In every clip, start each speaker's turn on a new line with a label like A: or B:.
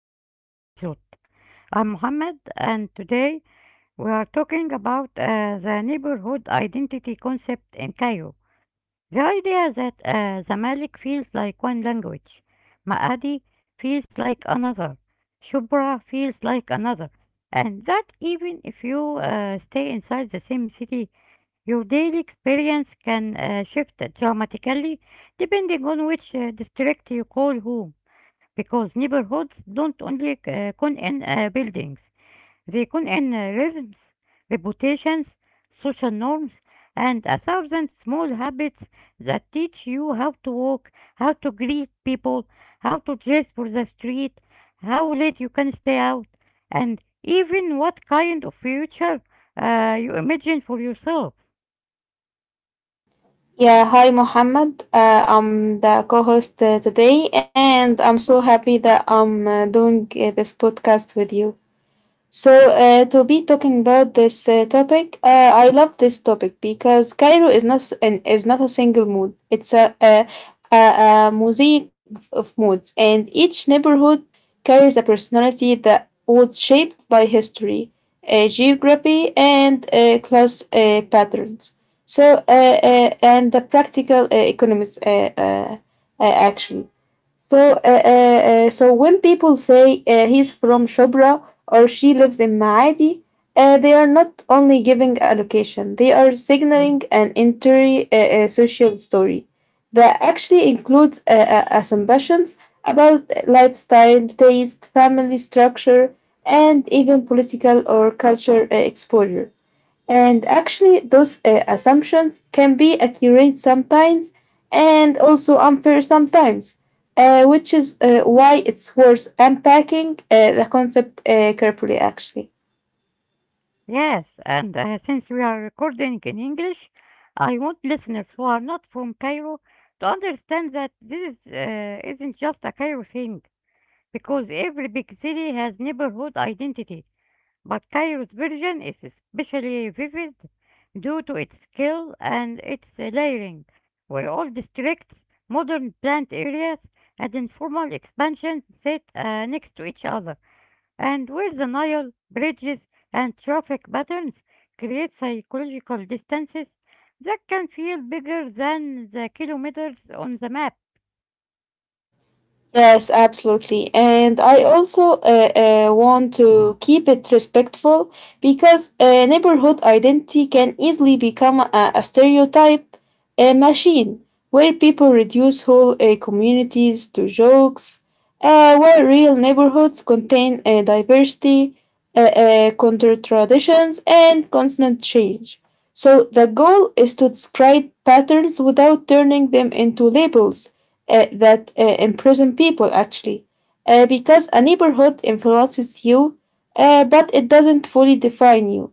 A: our episode. I'm Mohammed, and today we are talking about the neighborhood identity concept in Cairo. The idea that Zamalek feels like one language, Maadi feels like another, Shubra feels like another, and that even if you stay inside the same city, your daily experience can shift dramatically depending on which district you call home because neighborhoods don't only con in buildings, they con in rhythms, reputations, social norms, and a thousand small habits that teach you how to walk, how to greet people, how to dress for the street, how late you can stay out, and even what kind of future you imagine for yourself.
B: Yeah, hi Mohammed. I'm the co host today, and I'm so happy that I'm doing this podcast with you. To be talking about this topic, I love this topic because Cairo is not s- an, is not a single mood. It's a, a mosaic of moods, and each neighborhood carries a personality that was shaped by history, geography, and class patterns. And the practical economics action. So, uh, uh, so when people say he's from Shubra or she lives in Maadi, they are not only giving a location, they are signaling an entire social story that actually includes assumptions about lifestyle, taste, family structure, and even political or cultural exposure. And actually, those assumptions can be accurate sometimes and also unfair sometimes, which is why it's worth unpacking the concept carefully, actually.
A: Yes, and since we are recording in English, I want listeners who are not from Cairo to understand that this isn't just a Cairo thing, because every big city has neighborhood identity. But Cairo's version is especially vivid due to its scale and its layering, where old districts, modern plant areas, and informal expansions sit next to each other and where the Nile, bridges, and traffic patterns create psychological distances that can feel bigger than the kilometers on the map.
B: Yes, absolutely. And I also want to keep it respectful because neighborhood identity can easily become a stereotype machine where people reduce whole communities to jokes, where real neighborhoods contain diversity, counter traditions, and constant change. So the goal is to describe patterns without turning them into labels that imprison people actually because a neighborhood influences you but it doesn't fully define you,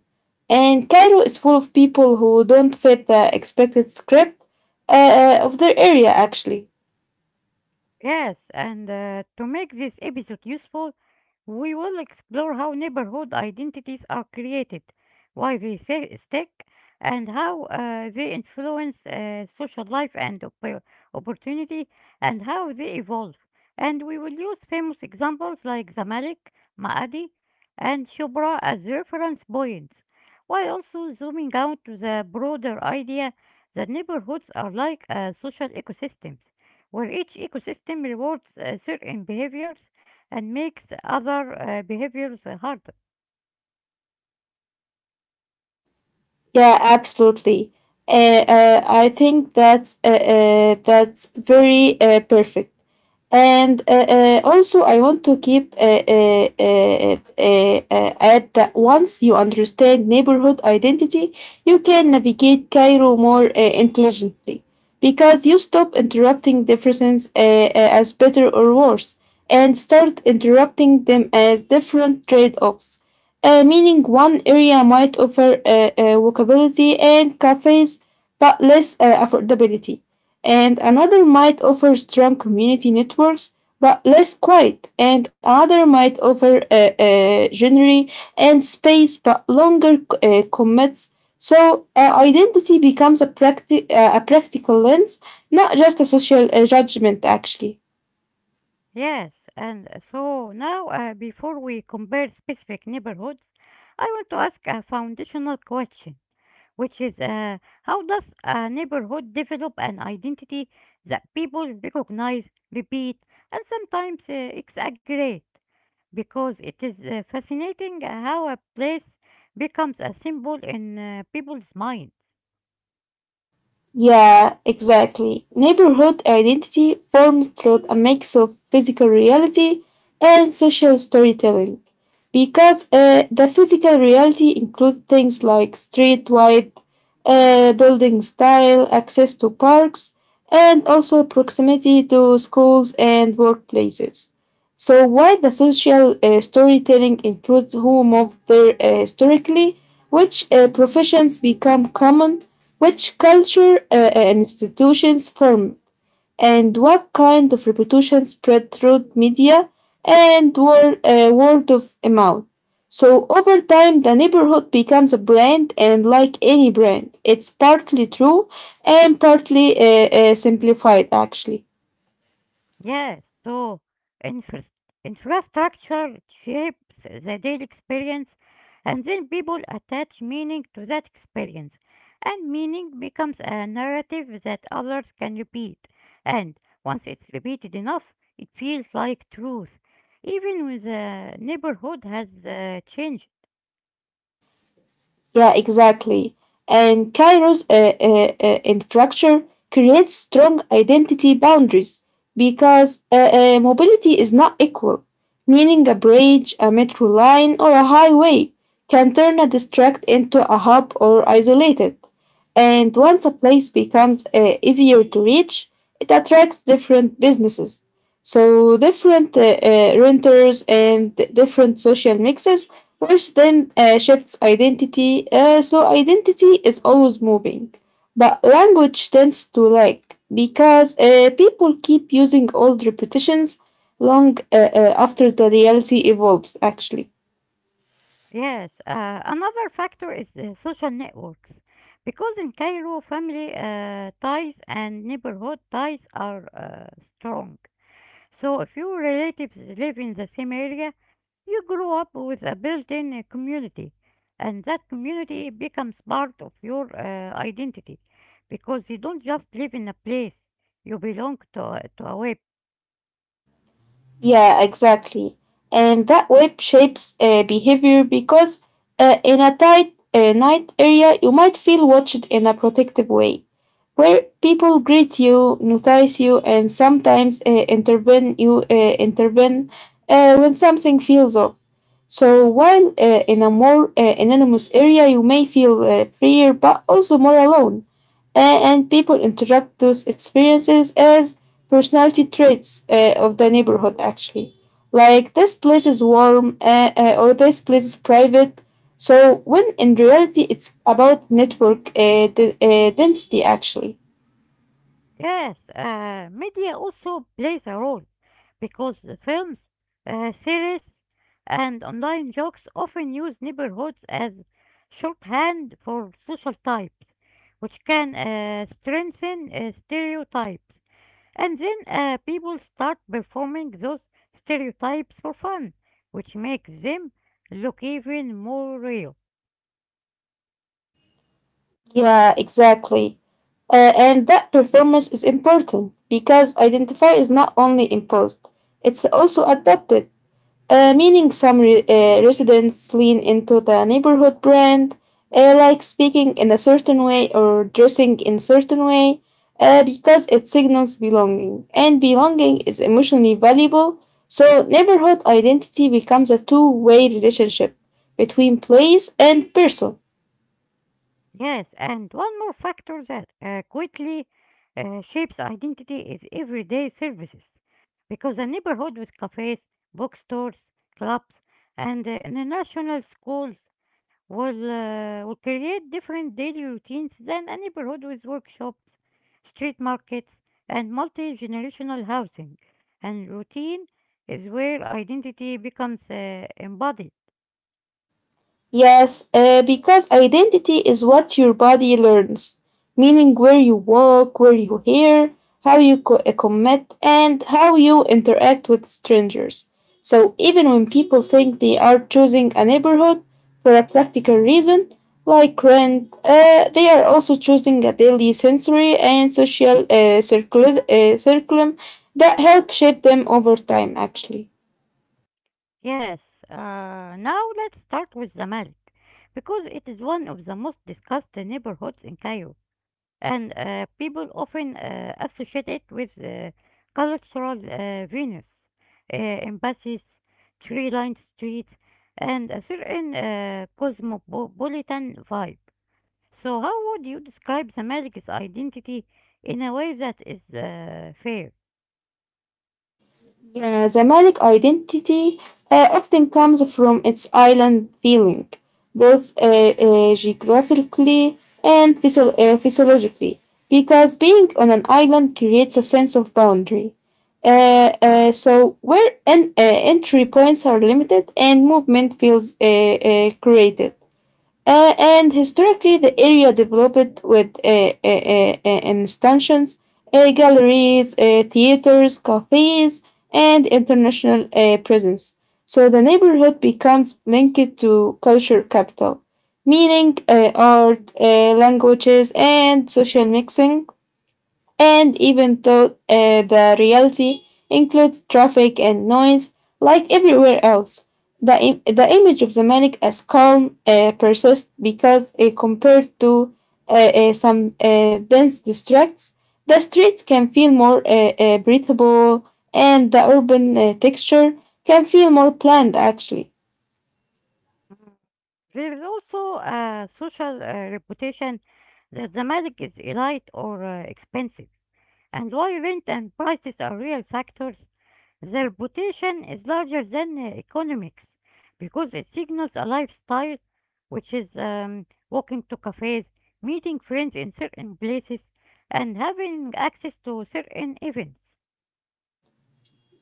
B: and Cairo is full of people who don't fit the expected script of their area, actually.
A: Yes, and to make this episode useful, we will explore how neighborhood identities are created, why stick, and how they influence social life and opportunity, and how they evolve. And we will use famous examples like Zamalek, Maadi, and Shubra as reference points, while also zooming out to the broader idea that neighborhoods are like social ecosystems where each ecosystem rewards certain behaviors and makes other behaviors harder.
B: Yeah, absolutely. I think that's very perfect. And also, I want to keep add that once you understand neighborhood identity, you can navigate Cairo more intelligently because you stop interrupting differences as better or worse and start interrupting them as different trade offs, meaning one area might offer walkability and cafes but less affordability, and another might offer strong community networks but less quiet, and another might offer genre and space but longer commits. So identity becomes a practical lens, not just a social judgment, actually.
A: Yes, and so now before we compare specific neighborhoods, I want to ask a foundational question, which is how does a neighborhood develop an identity that people recognize, repeat, and sometimes exaggerate? Because it is fascinating how a place becomes a symbol in people's minds.
B: Yeah, exactly. Neighborhood identity forms through a mix of physical reality and social storytelling. Because the physical reality includes things like street wide, building style, access to parks, and also proximity to schools and workplaces. So, while the social storytelling includes who moved there historically, which professions become common, which culture and institutions formed, and what kind of reputation spread through media and word of mouth? So, over time, the neighborhood becomes a brand, and like any brand, it's partly true and partly simplified, actually.
A: Yes, so infras- infrastructure shapes the daily experience, and then people attach meaning to that experience, and meaning becomes a narrative that others can repeat. And once it's repeated enough, it feels like truth, even when the neighborhood has changed.
B: Yeah, exactly. And Cairo's infrastructure creates strong identity boundaries because mobility is not equal, meaning a bridge, a metro line, or a highway can turn a district into a hub or isolate it. And once a place becomes easier to reach, it attracts different businesses. So, different renters and different social mixes, which then shifts identity, so identity is always moving. But language tends to lag because people keep using old repetitions long after the reality evolves, actually.
A: Yes, another factor is the social networks because in Cairo, family ties and neighborhood ties are strong. So, if your relatives live in the same area, you grow up with a built in community, and that community becomes part of your identity because you don't just live in a place, you belong to a web.
B: Yeah, exactly. And that web shapes behavior because in a tight night area, you might feel watched in a protective way, where people greet you, notice you, and sometimes intervene you intervene when something feels off. So while in a more anonymous area, you may feel freer but also more alone, and people interact those experiences as personality traits of the neighborhood. Actually, like this place is warm or this place is private. So when in reality, it's about network density, actually.
A: Yes, media also plays a role because the films, series, and online jokes often use neighborhoods as shorthand for social types, which can strengthen stereotypes. And then people start performing those stereotypes for fun, which makes them look even more real.
B: Yeah, exactly. And that performance is important because identify is not only imposed, it's also adopted. Meaning some residents lean into the neighborhood brand, like speaking in a certain way or dressing in certain way, because it signals belonging. And belonging is emotionally valuable, so neighborhood identity becomes a two-way relationship between place and person.
A: Yes, and one more factor that quickly shapes identity is everyday services. Because a neighborhood with cafes, bookstores, clubs, and international schools will create different daily routines than a neighborhood with workshops, street markets, and multi generational housing. And routine is where identity becomes embodied.
B: Yes, because identity is what your body learns, meaning where you walk, where you hear, how you commit, and how you interact with strangers. So even when people think they are choosing a neighborhood for a practical reason, like rent, they are also choosing a daily sensory and social circulum that help shape them over time, actually.
A: Yes, now let's start with Zamalek because it is one of the most discussed neighborhoods in Cairo, and people often associate it with cultural venues, embassies, tree-lined streets, and a certain cosmopolitan vibe. So, how would you describe Zamalek's identity in a way that is fair?
B: Yeah, the Malik identity often comes from its island feeling, both geographically and physiologically, because being on an island creates a sense of boundary. So, where entry points are limited and movement feels created. And historically, the area developed with installations, galleries, theaters, cafes, and international presence. So the neighborhood becomes linked to culture capital, meaning art, languages, and social mixing. And even though the reality includes traffic and noise, like everywhere else, the image of the manic as calm persists because, compared to some dense districts, the streets can feel more breathable, and the urban texture can feel more planned, actually.
A: There is also a social reputation that Zamalek is elite or expensive. And while rent and prices are real factors, the reputation is larger than economics because it signals a lifestyle, which is walking to cafes, meeting friends in certain places, and having access to certain events.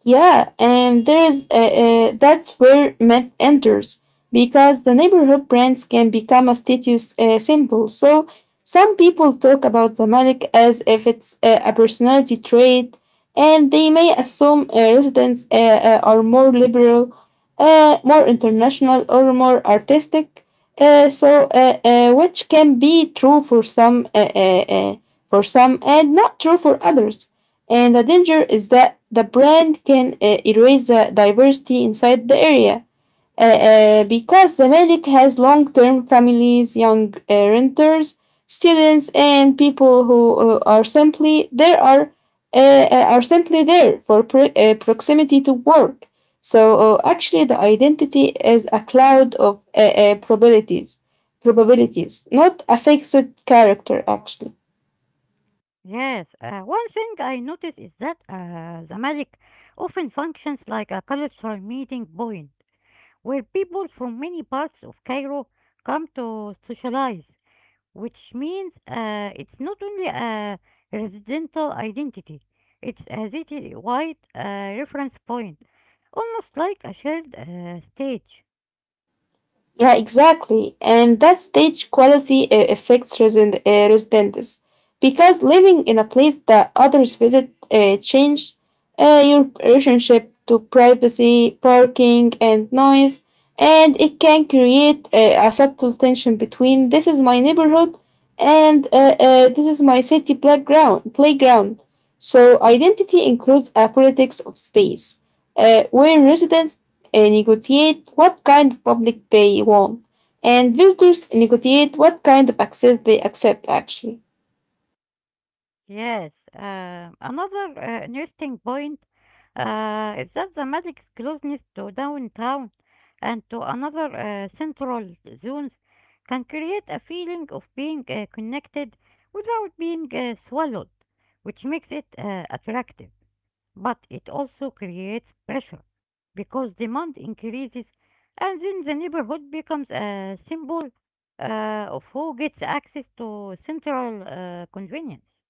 B: Yeah, and there is that's where Met enters because the neighborhood brands can become a status symbol. So some people talk about the Malik as if it's a personality trait, and they may assume residents are more liberal, more international, or more artistic. Which can be true for some and not true for others, and the danger is that the brand can erase the diversity inside the area. Because Zamalek has long term families, young renters, students, and people who are simply there are simply there for proximity to work. So actually, the identity is a cloud of probabilities, not a fixed character. Actually,
A: Yes, one thing I notice is that Zamalek often functions like a cultural meeting point where people from many parts of Cairo come to socialize, which means it's not only a residential identity, it's a city wide reference point, almost like a shared stage.
B: yeah, exactly. And that stage quality affects residents because living in a place that others visit changes your relationship to privacy, parking, and noise, and it can create a subtle tension between this is my neighborhood and this is my city playground. So identity includes a politics of space where residents negotiate what kind of public they want, and visitors negotiate what kind of access they accept, actually.
A: Yes, another interesting point is that the magic's closeness to downtown and to another central zones can create a feeling of being connected without being swallowed, which makes it attractive. But it also creates pressure because demand increases, and then the neighborhood becomes a symbol of who gets access to central convenience.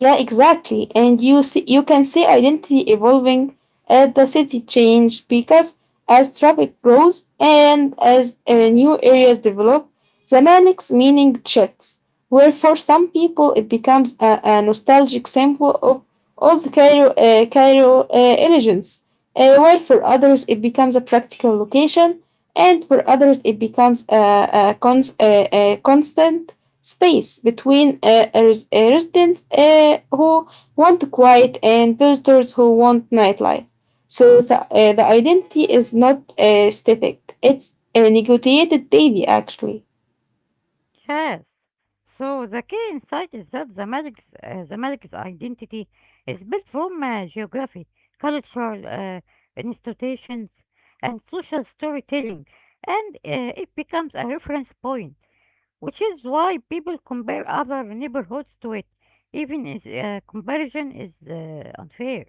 B: Yeah, exactly. And you see, you can see identity evolving as the city change because as traffic grows and as new areas develop, the Zamanik's meaning shifts. Where for some people it becomes a nostalgic symbol of old Cairo, Cairo elegance, while for others it becomes a practical location, and for others it becomes a constant space between a residents who want quiet and visitors who want nightlife. So the identity is not static, it's a negotiated daily, actually.
A: Yes. So the key insight is that the Malik's identity is built from geography, cultural institutions, and social storytelling, and it becomes a reference point, which is why people compare other neighborhoods to it, even if comparison is unfair.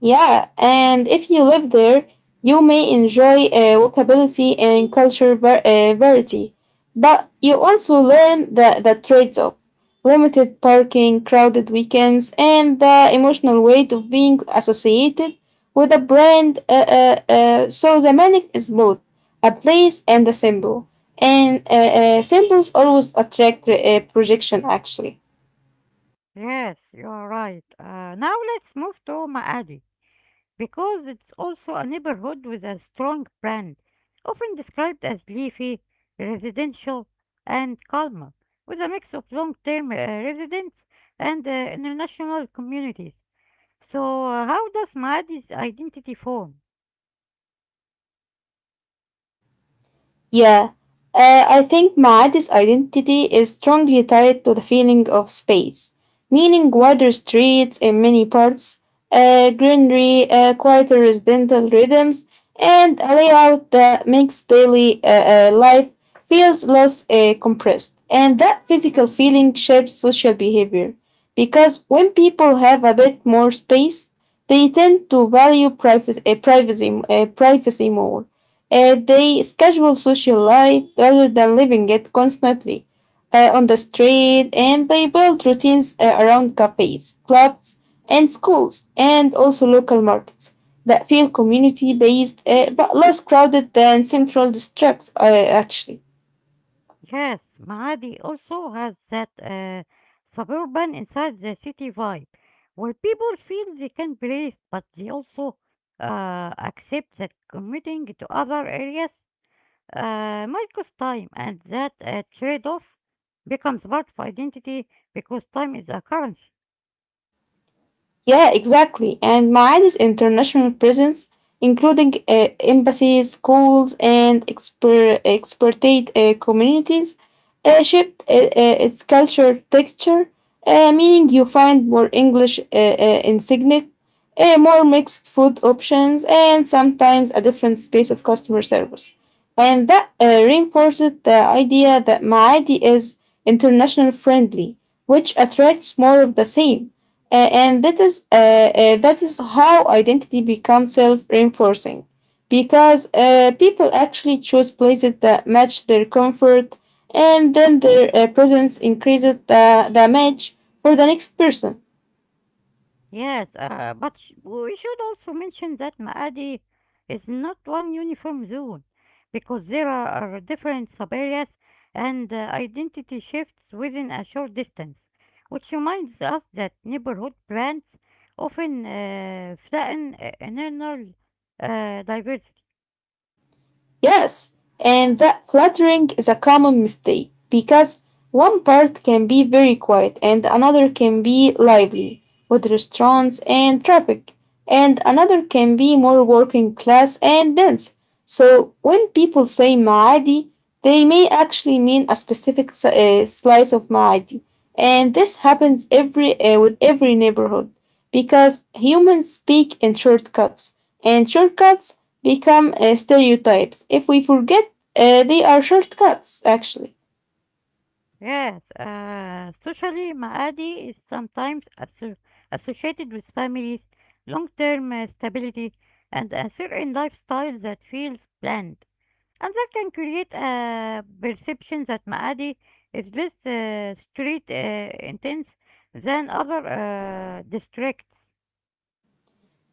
B: Yeah, and if you live there, you may enjoy walkability and culture variety, but you also learn the trades of limited parking, crowded weekends, and the emotional weight of being associated with a brand. So the manic is both a place and a symbol, and symbols always attract projection, actually.
A: Yes, you are right. Now let's move to Maadi, because it's also a neighborhood with a strong brand, often described as leafy, residential, and calm, with a mix of long term residents and international communities. So, how does Maadi's identity form?
B: Yeah, I think Maad's identity is strongly tied to the feeling of space, meaning wider streets in many parts, greenery, quieter residential rhythms, and a layout that makes daily life feels less compressed. And that physical feeling shapes social behavior, because when people have a bit more space, they tend to value privacy more. They schedule social life rather than living it constantly on the street, and they build routines around cafes, clubs, and schools, and also local markets that feel community based but less crowded than central districts, actually.
A: Yes, Maadi also has that suburban inside the city vibe, where people feel they can breathe, but they also accept that commuting to other areas might cost time, and that trade off becomes part of identity because time is a currency.
B: Yeah, exactly. And Ma'aden's international presence, including embassies, schools, and expatriate communities, shaped its culture texture, meaning you find more English insignia, more mixed food options, and sometimes a different space of customer service. And that reinforces the idea that Maadi is international friendly, which attracts more of the same. And that is how identity becomes self-reinforcing because people actually choose places that match their comfort, and then their presence increases the match for the next person.
A: Yes, but we should also mention that Maadi is not one uniform zone because there are different sub areas and identity shifts within a short distance, which reminds us that neighborhood brands often flatten internal diversity.
B: Yes, and that fluttering is a common mistake because one part can be very quiet and another can be lively with restaurants and traffic, and another can be more working class and dense. So when people say Maadi, they may actually mean a specific slice of Maadi, and this happens every with every neighborhood because humans speak in shortcuts, and shortcuts become stereotypes if we forget they are shortcuts, actually.
A: Yes, socially, Maadi is sometimes associated with families, long term stability, and a certain lifestyle that feels planned. And that can create a perception that Maadi is less street intense than other districts.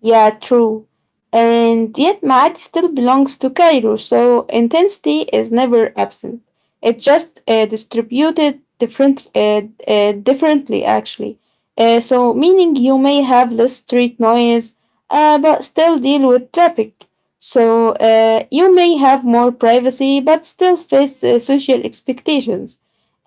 B: Yeah, true. And yet Maat still belongs to Cairo, so intensity is never absent. It's just distributed differently, actually. Meaning you may have less street noise, but still deal with traffic. So, you may have more privacy, but still face social expectations.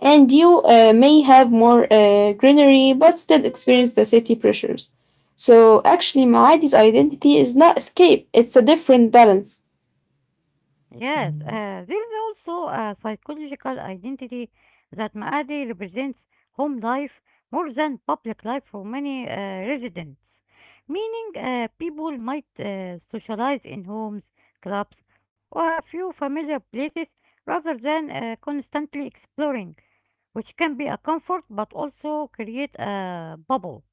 B: And you may have more greenery, but still experience the city pressures. So actually, Maadi's identity is not escape, it's a different balance.
A: Yes, there is also a psychological identity that Maadi represents home life more than public life for many residents, meaning people might socialize in homes, clubs, or a few familiar places rather than constantly exploring, which can be a comfort but also create a bubble.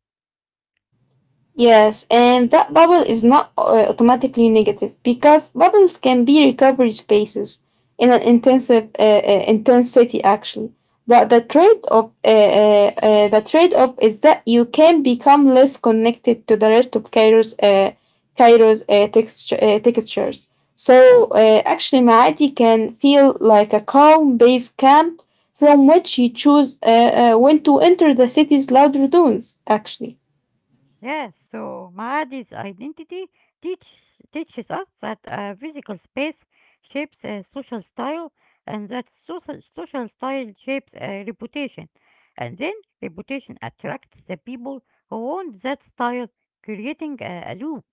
B: Yes, and that bubble is not automatically negative because bubbles can be recovery spaces in an intensive intensity, actually. But the trade-off is that you can become less connected to the rest of Cairo's textures. So actually, Maadi can feel like a calm base camp from which you choose when to enter the city's louder dunes. Actually.
A: Yes, so Maadi's identity teach, teaches us that a physical space shapes a social style and that social style shapes a reputation. And then reputation attracts the people who want that style, creating a loop.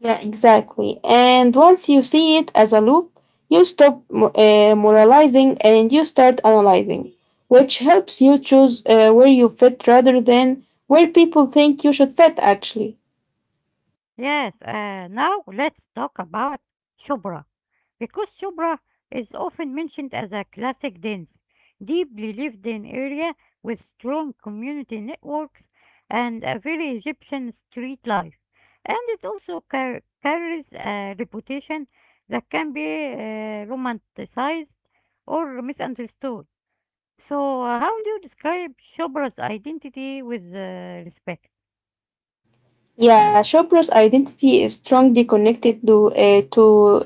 B: Yeah, exactly. And once you see it as a loop, you stop moralizing and you start analyzing, which helps you choose where you fit rather than where people think you should fit, actually.
A: Yes, now let's talk about Shubra. Because Shubra is often mentioned as a classic dance, deeply lived in area with strong community networks and a very Egyptian street life. And it also carries a reputation that can be romanticized or misunderstood. So, how do you describe Shubra's identity with respect?
B: Yeah, Shopra's identity is strongly connected to uh, to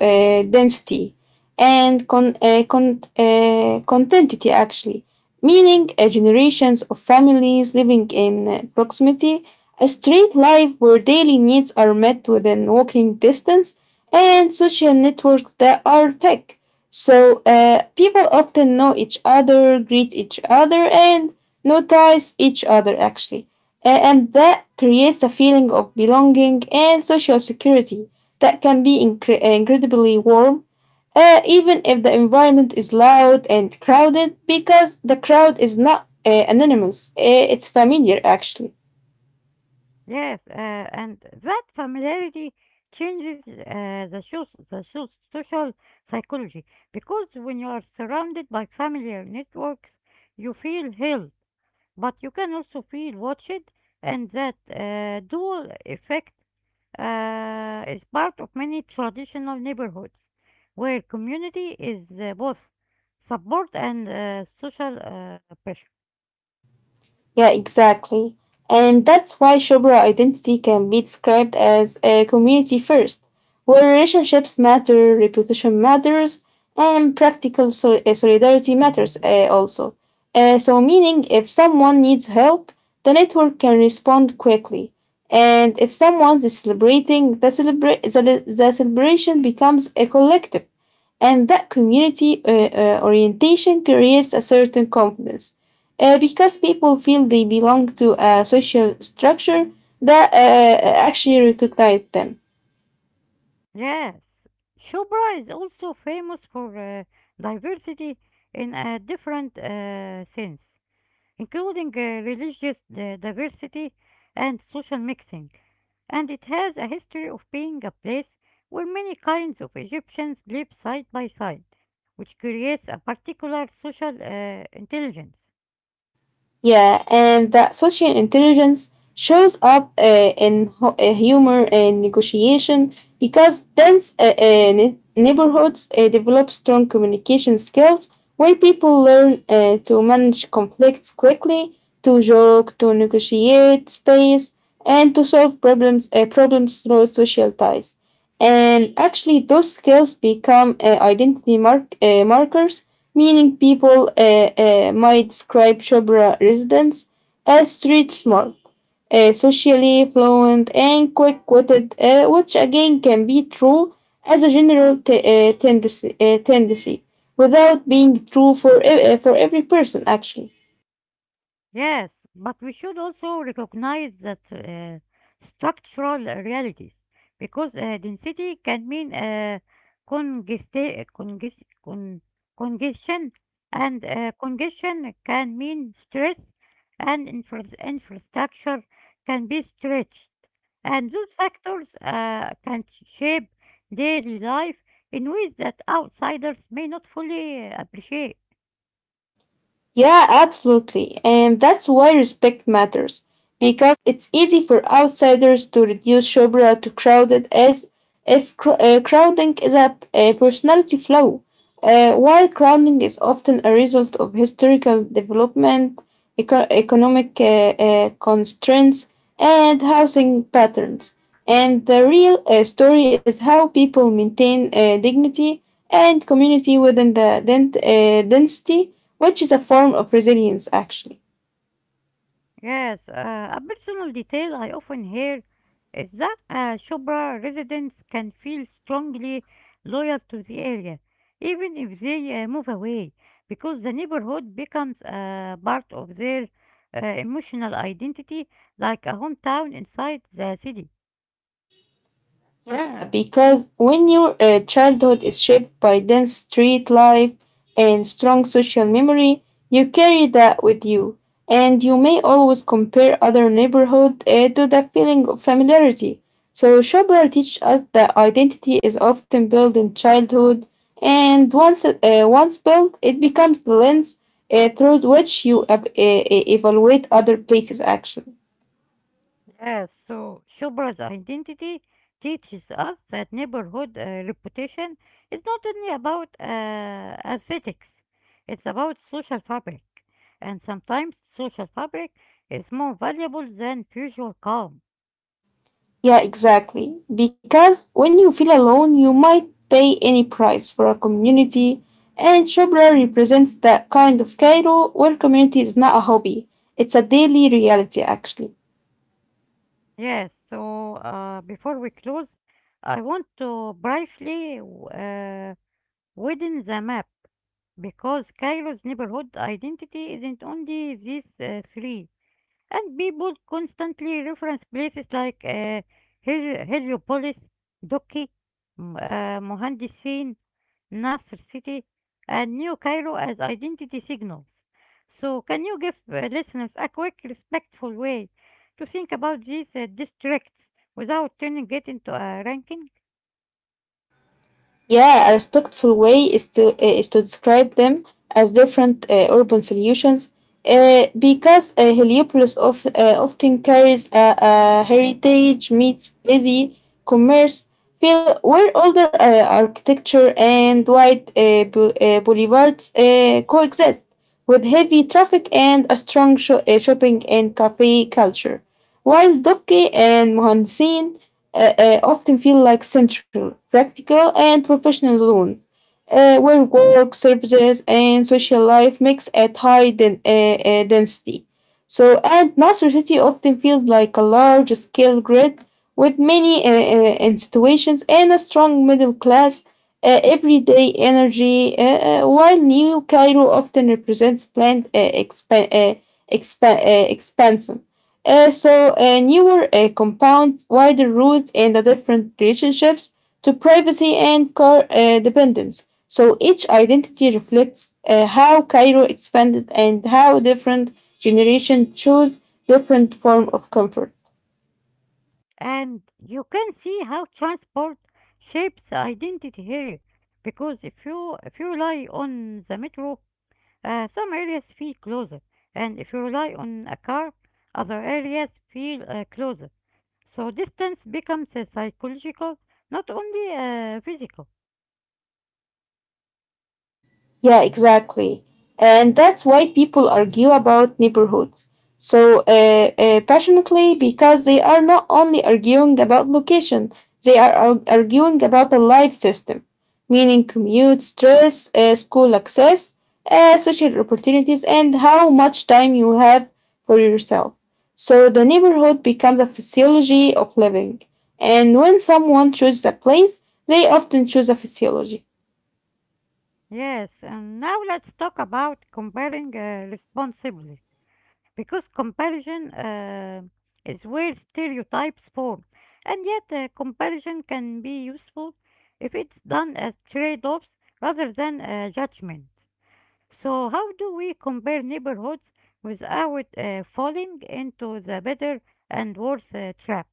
B: uh, density and contentity, actually, meaning generations of families living in proximity, a straight life where daily needs are met within walking distance, and social networks that are thick. So people often know each other, greet each other, and notice each other, actually. And that creates a feeling of belonging and social security that can be incredibly warm, even if the environment is loud and crowded, because the crowd is not anonymous, it's familiar, actually.
A: Yes, and that familiarity changes the shows social psychology because when you are surrounded by familiar networks, you feel held, but you can also feel watched, and that dual effect is part of many traditional neighborhoods where community is both support and social pressure.
B: Yeah, exactly. And that's why Shobra identity can be described as a community first, where relationships matter, reputation matters, and practical solidarity matters also. Meaning if someone needs help, the network can respond quickly. And if someone is celebrating, the celebration becomes a collective, and that community orientation creates a certain confidence because people feel they belong to a social structure that actually recognize them.
A: Yes, Shubra is also famous for diversity in a different sense, including religious diversity and social mixing. And it has a history of being a place where many kinds of Egyptians live side by side, which creates a particular social intelligence.
B: Yeah, and that social intelligence shows up in humor and negotiation because dense neighborhoods develop strong communication skills where people learn to manage conflicts quickly, to joke, to negotiate space, and to solve problems through social ties. And actually, those skills become identity markers, meaning people might describe Chopra residents as street smart, socially fluent, and quick witted, which again can be true as a general tendency without being true for, for every person, actually.
A: Yes, but we should also recognize that structural realities, because density can mean congesta- conges- con- congestion, and congestion can mean stress, and infrastructure can be stretched. And those factors can shape daily life in ways that outsiders may not fully appreciate.
B: Yeah, absolutely. And that's why respect matters, because it's easy for outsiders to reduce Shobra to crowded, as if crowding is a personality flaw, while crowding is often a result of historical development, economic constraints, and housing patterns. And the real story is how people maintain dignity and community within the density, which is a form of resilience, actually.
A: Yes, a personal detail I often hear is that Shubra residents can feel strongly loyal to the area, even if they move away, because the neighborhood becomes a part of their emotional identity, like a hometown inside the city.
B: Yeah. Because when your childhood is shaped by dense street life and strong social memory, you carry that with you, and you may always compare other neighborhood to the feeling of familiarity. So Chopra teaches us that identity is often built in childhood, and once built, it becomes the lens through which you evaluate other places. Actually.
A: Yes, so Shobras' identity teaches us that neighborhood reputation is not only about aesthetics, it's about social fabric. And sometimes social fabric is more valuable than usual calm.
B: Yeah, exactly. Because when you feel alone, you might pay any price for a community, and Shobra represents that kind of Cairo where community is not a hobby, it's a daily reality, actually.
A: Yes, so before we close, I want to widen the map because Cairo's neighborhood identity isn't only these three. And people constantly reference places like Heliopolis, Doki, Mohandisin, Nasr City, and New Cairo as identity signals. So, can you give listeners a quick, respectful way to think about these districts without turning it into a ranking?
B: Yeah, a respectful way is to describe them as different urban solutions, because Heliopolis often carries a heritage meets busy commerce feel, where older architecture and wide boulevards coexist with heavy traffic and a strong shopping and cafe culture, while Dokke and Mohansin often feel like central, practical, and professional loans, where work, services, and social life mix at high density. And Nasser City often feels like a large scale grid with many institutions and a strong middle class. Everyday energy, while New Cairo often represents planned expansion. Newer compounds, wider roots, and the different relationships to privacy and car dependence. So each identity reflects how Cairo expanded and how different generations chose different form of comfort.
A: And you can see how transport shapes identity here, because if you rely on the metro, uh, some areas feel closer, and if you rely on a car, other areas feel closer. So distance becomes psychological, not only physical.
B: Yeah, exactly. And that's why people argue about neighborhoods so passionately because they are not only arguing about location, they are arguing about a life system, meaning commute, stress, school access, social opportunities, and how much time you have for yourself. So the neighborhood becomes a physiology of living. And when someone chooses a place, they often choose a physiology.
A: Yes, and now let's talk about comparing responsibly, because comparison is where stereotypes form, and yet comparison can be useful if it's done as trade-offs rather than judgment. So, how do we compare neighborhoods without falling into the better and worse trap?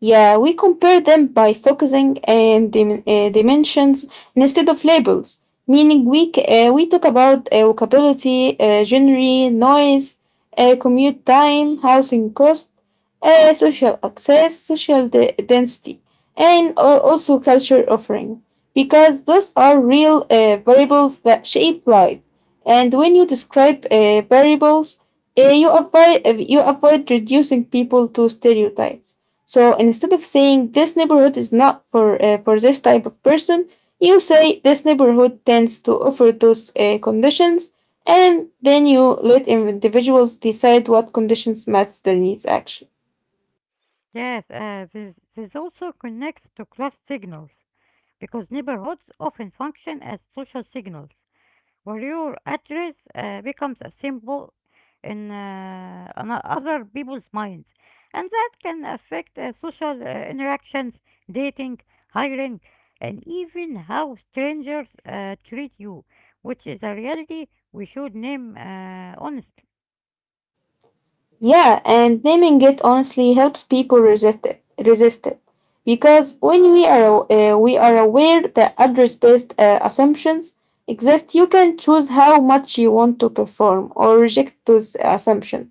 B: Yeah, we compare them by focusing on dimensions instead of labels, meaning we talk about walkability, genre, noise, commute time, housing cost, social access, social density, and also culture offering, because those are real variables that shape life. And when you describe variables, you avoid reducing people to stereotypes, so instead of saying this neighborhood is not for for this type of person, you say this neighborhood tends to offer those conditions, and then you let individuals decide what conditions match their needs, actually.
A: Yes, this also connects to class signals because neighborhoods often function as social signals, where your address becomes a symbol in on other people's minds, and that can affect social interactions, dating, hiring, and even how strangers treat you, which is a reality we should name honestly.
B: Yeah, and naming it honestly helps people resist it. Resist it, because when we are aware that address-based assumptions exist, you can choose how much you want to perform or reject those assumptions,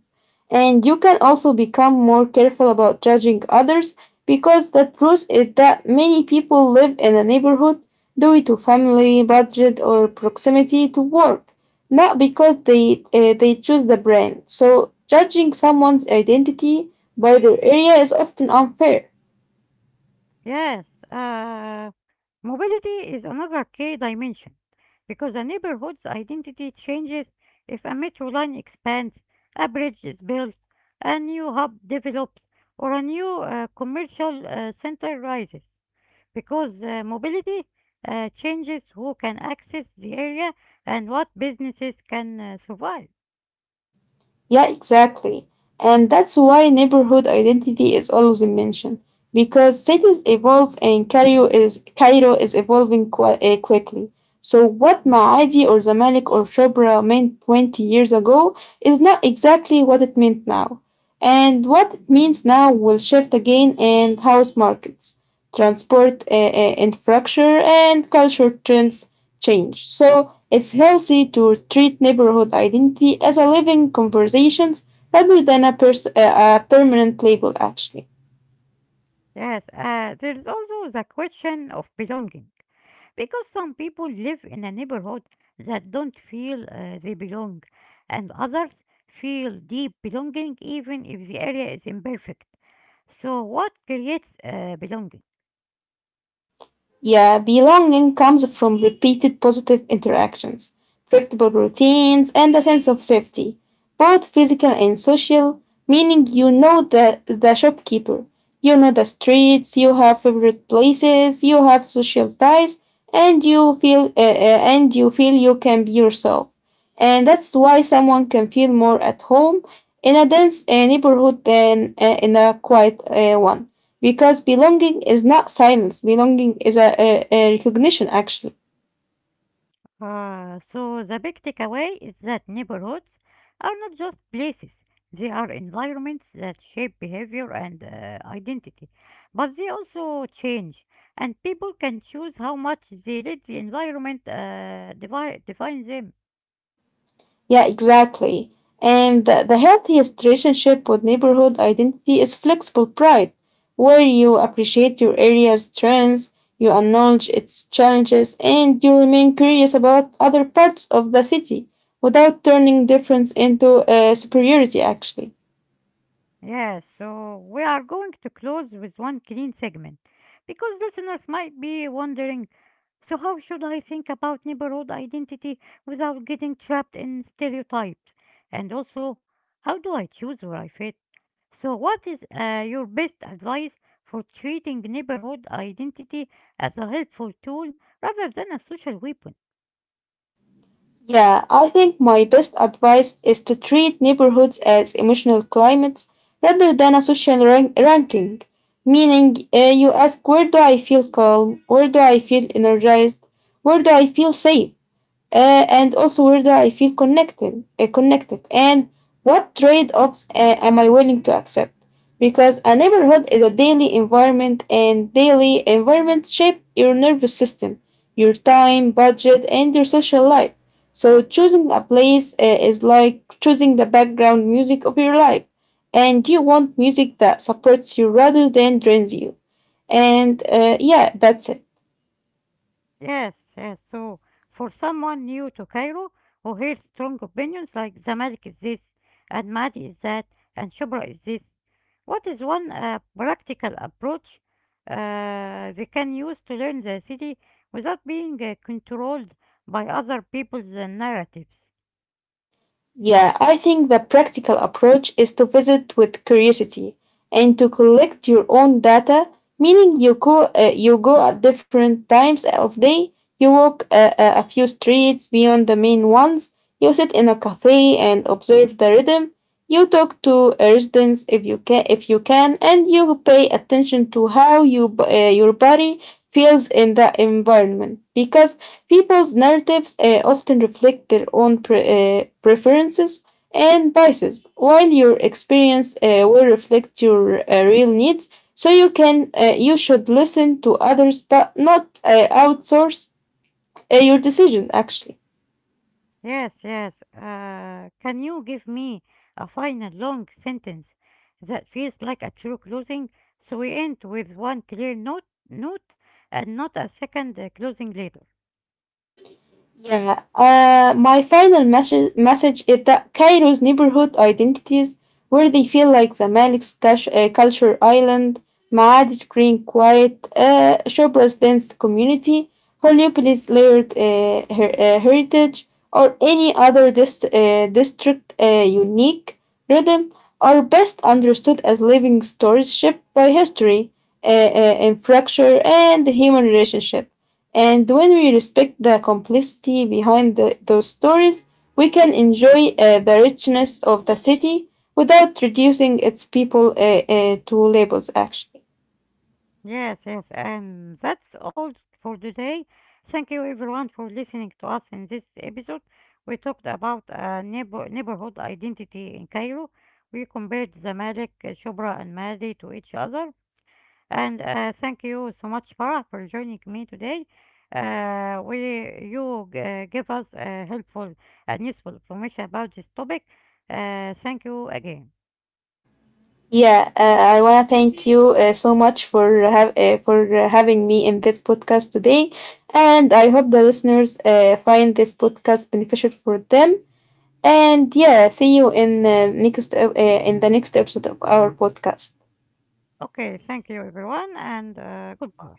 B: and you can also become more careful about judging others, because the truth is that many people live in a neighborhood due to family, budget, or proximity to work, not because they choose the brand. So judging someone's identity by their area is often unfair.
A: Yes. Mobility is another key dimension because a neighborhood's identity changes if a metro line expands, a bridge is built, a new hub develops, or a new commercial center rises. Because mobility changes who can access the area and what businesses can survive.
B: Yeah, exactly. And that's why neighborhood identity is always mentioned, because cities evolve and Cairo is evolving quickly. So what Maadi or Zamalek or Shobra meant 20 years ago is not exactly what it meant now. And what it means now will shift again, and house markets, transport infrastructure, and culture trends change. So it's healthy to treat neighborhood identity as a living conversation rather than a, pers- a permanent label, actually.
A: Yes, there is also the question of belonging, because some people live in a neighborhood that don't feel they belong, and others feel deep belonging even if the area is imperfect. So, what creates belonging?
B: Yeah, belonging comes from repeated positive interactions, predictable routines, and a sense of safety, both physical and social, meaning you know the shopkeeper, you know the streets, you have favorite places, you have social ties, and you feel you can be yourself. And that's why someone can feel more at home in a dense neighborhood than in a quiet one, because belonging is not silence, belonging is a recognition, actually.
A: So, the big takeaway is that neighborhoods are not just places, they are environments that shape behavior and identity. But they also change, and people can choose how much they let the environment define them.
B: Yeah, exactly. And the healthiest relationship with neighborhood identity is flexible pride, where you appreciate your area's strengths, you acknowledge its challenges, and you remain curious about other parts of the city without turning difference into superiority, actually.
A: Yes, so we are going to close with one clean segment because listeners might be wondering, so, how should I think about neighborhood identity without getting trapped in stereotypes? And also, how do I choose where I fit? So, what is your best advice for treating neighborhood identity as a helpful tool rather than a social weapon?
B: Yeah, I think my best advice is to treat neighborhoods as emotional climates rather than a social ranking. Meaning, you ask, where do I feel calm? Where do I feel energized? Where do I feel safe? Uh, and also, where do I feel connected, and what trade-offs am I willing to accept? Because a neighborhood is a daily environment, and daily environments shape your nervous system, your time, budget, and your social life. So choosing a place is like choosing the background music of your life, and you want music that supports you rather than drains you. And yeah, that's it.
A: Yes, yes. So, for someone new to Cairo who hears strong opinions like Zamalek is this, and Mahdi is that, and Shubra is this, what is one practical approach they can use to learn the city without being controlled by other people's narratives?
B: Yeah, I think the practical approach is to visit with curiosity and to collect your own data, meaning you go at different times of day, you walk a few streets beyond the main ones, you sit in a cafe and observe the rhythm, you talk to a residents if you can, and you pay attention to how your body feels in the environment, because people's narratives often reflect their own preferences and biases, while your experience will reflect your real needs. So you should listen to others, but not outsource your decision. Actually.
A: Yes, yes. Can you give me a final long sentence that feels like a true closing? So we end with one clear note, and not a second closing later.
B: Yeah, my final message is that Cairo's neighborhood identities, where they feel like the Malik's cash, culture island, Maadi's green quiet, Shobra's dense community, Holyopolis layered heritage, or any other district unique rhythm, are best understood as living stories shaped by history, infrastructure, and human relationship. And when we respect the complexity behind those stories, we can enjoy the richness of the city without reducing its people to labels, actually.
A: Yes, yes. And that's all for today. Thank you everyone for listening to us in this episode. We talked about neighborhood identity in Cairo. We compared Zamalek, Shubra, and Mahdi to each other. And thank you so much, Farah, for joining me today. We you give us helpful and useful information about this topic. Thank you again.
B: Yeah, I want to thank you so much for, having me in this podcast today. And I hope the listeners find this podcast beneficial for them. And yeah, see you in, next, in the next episode of our podcast.
A: Okay, thank you everyone, and goodbye.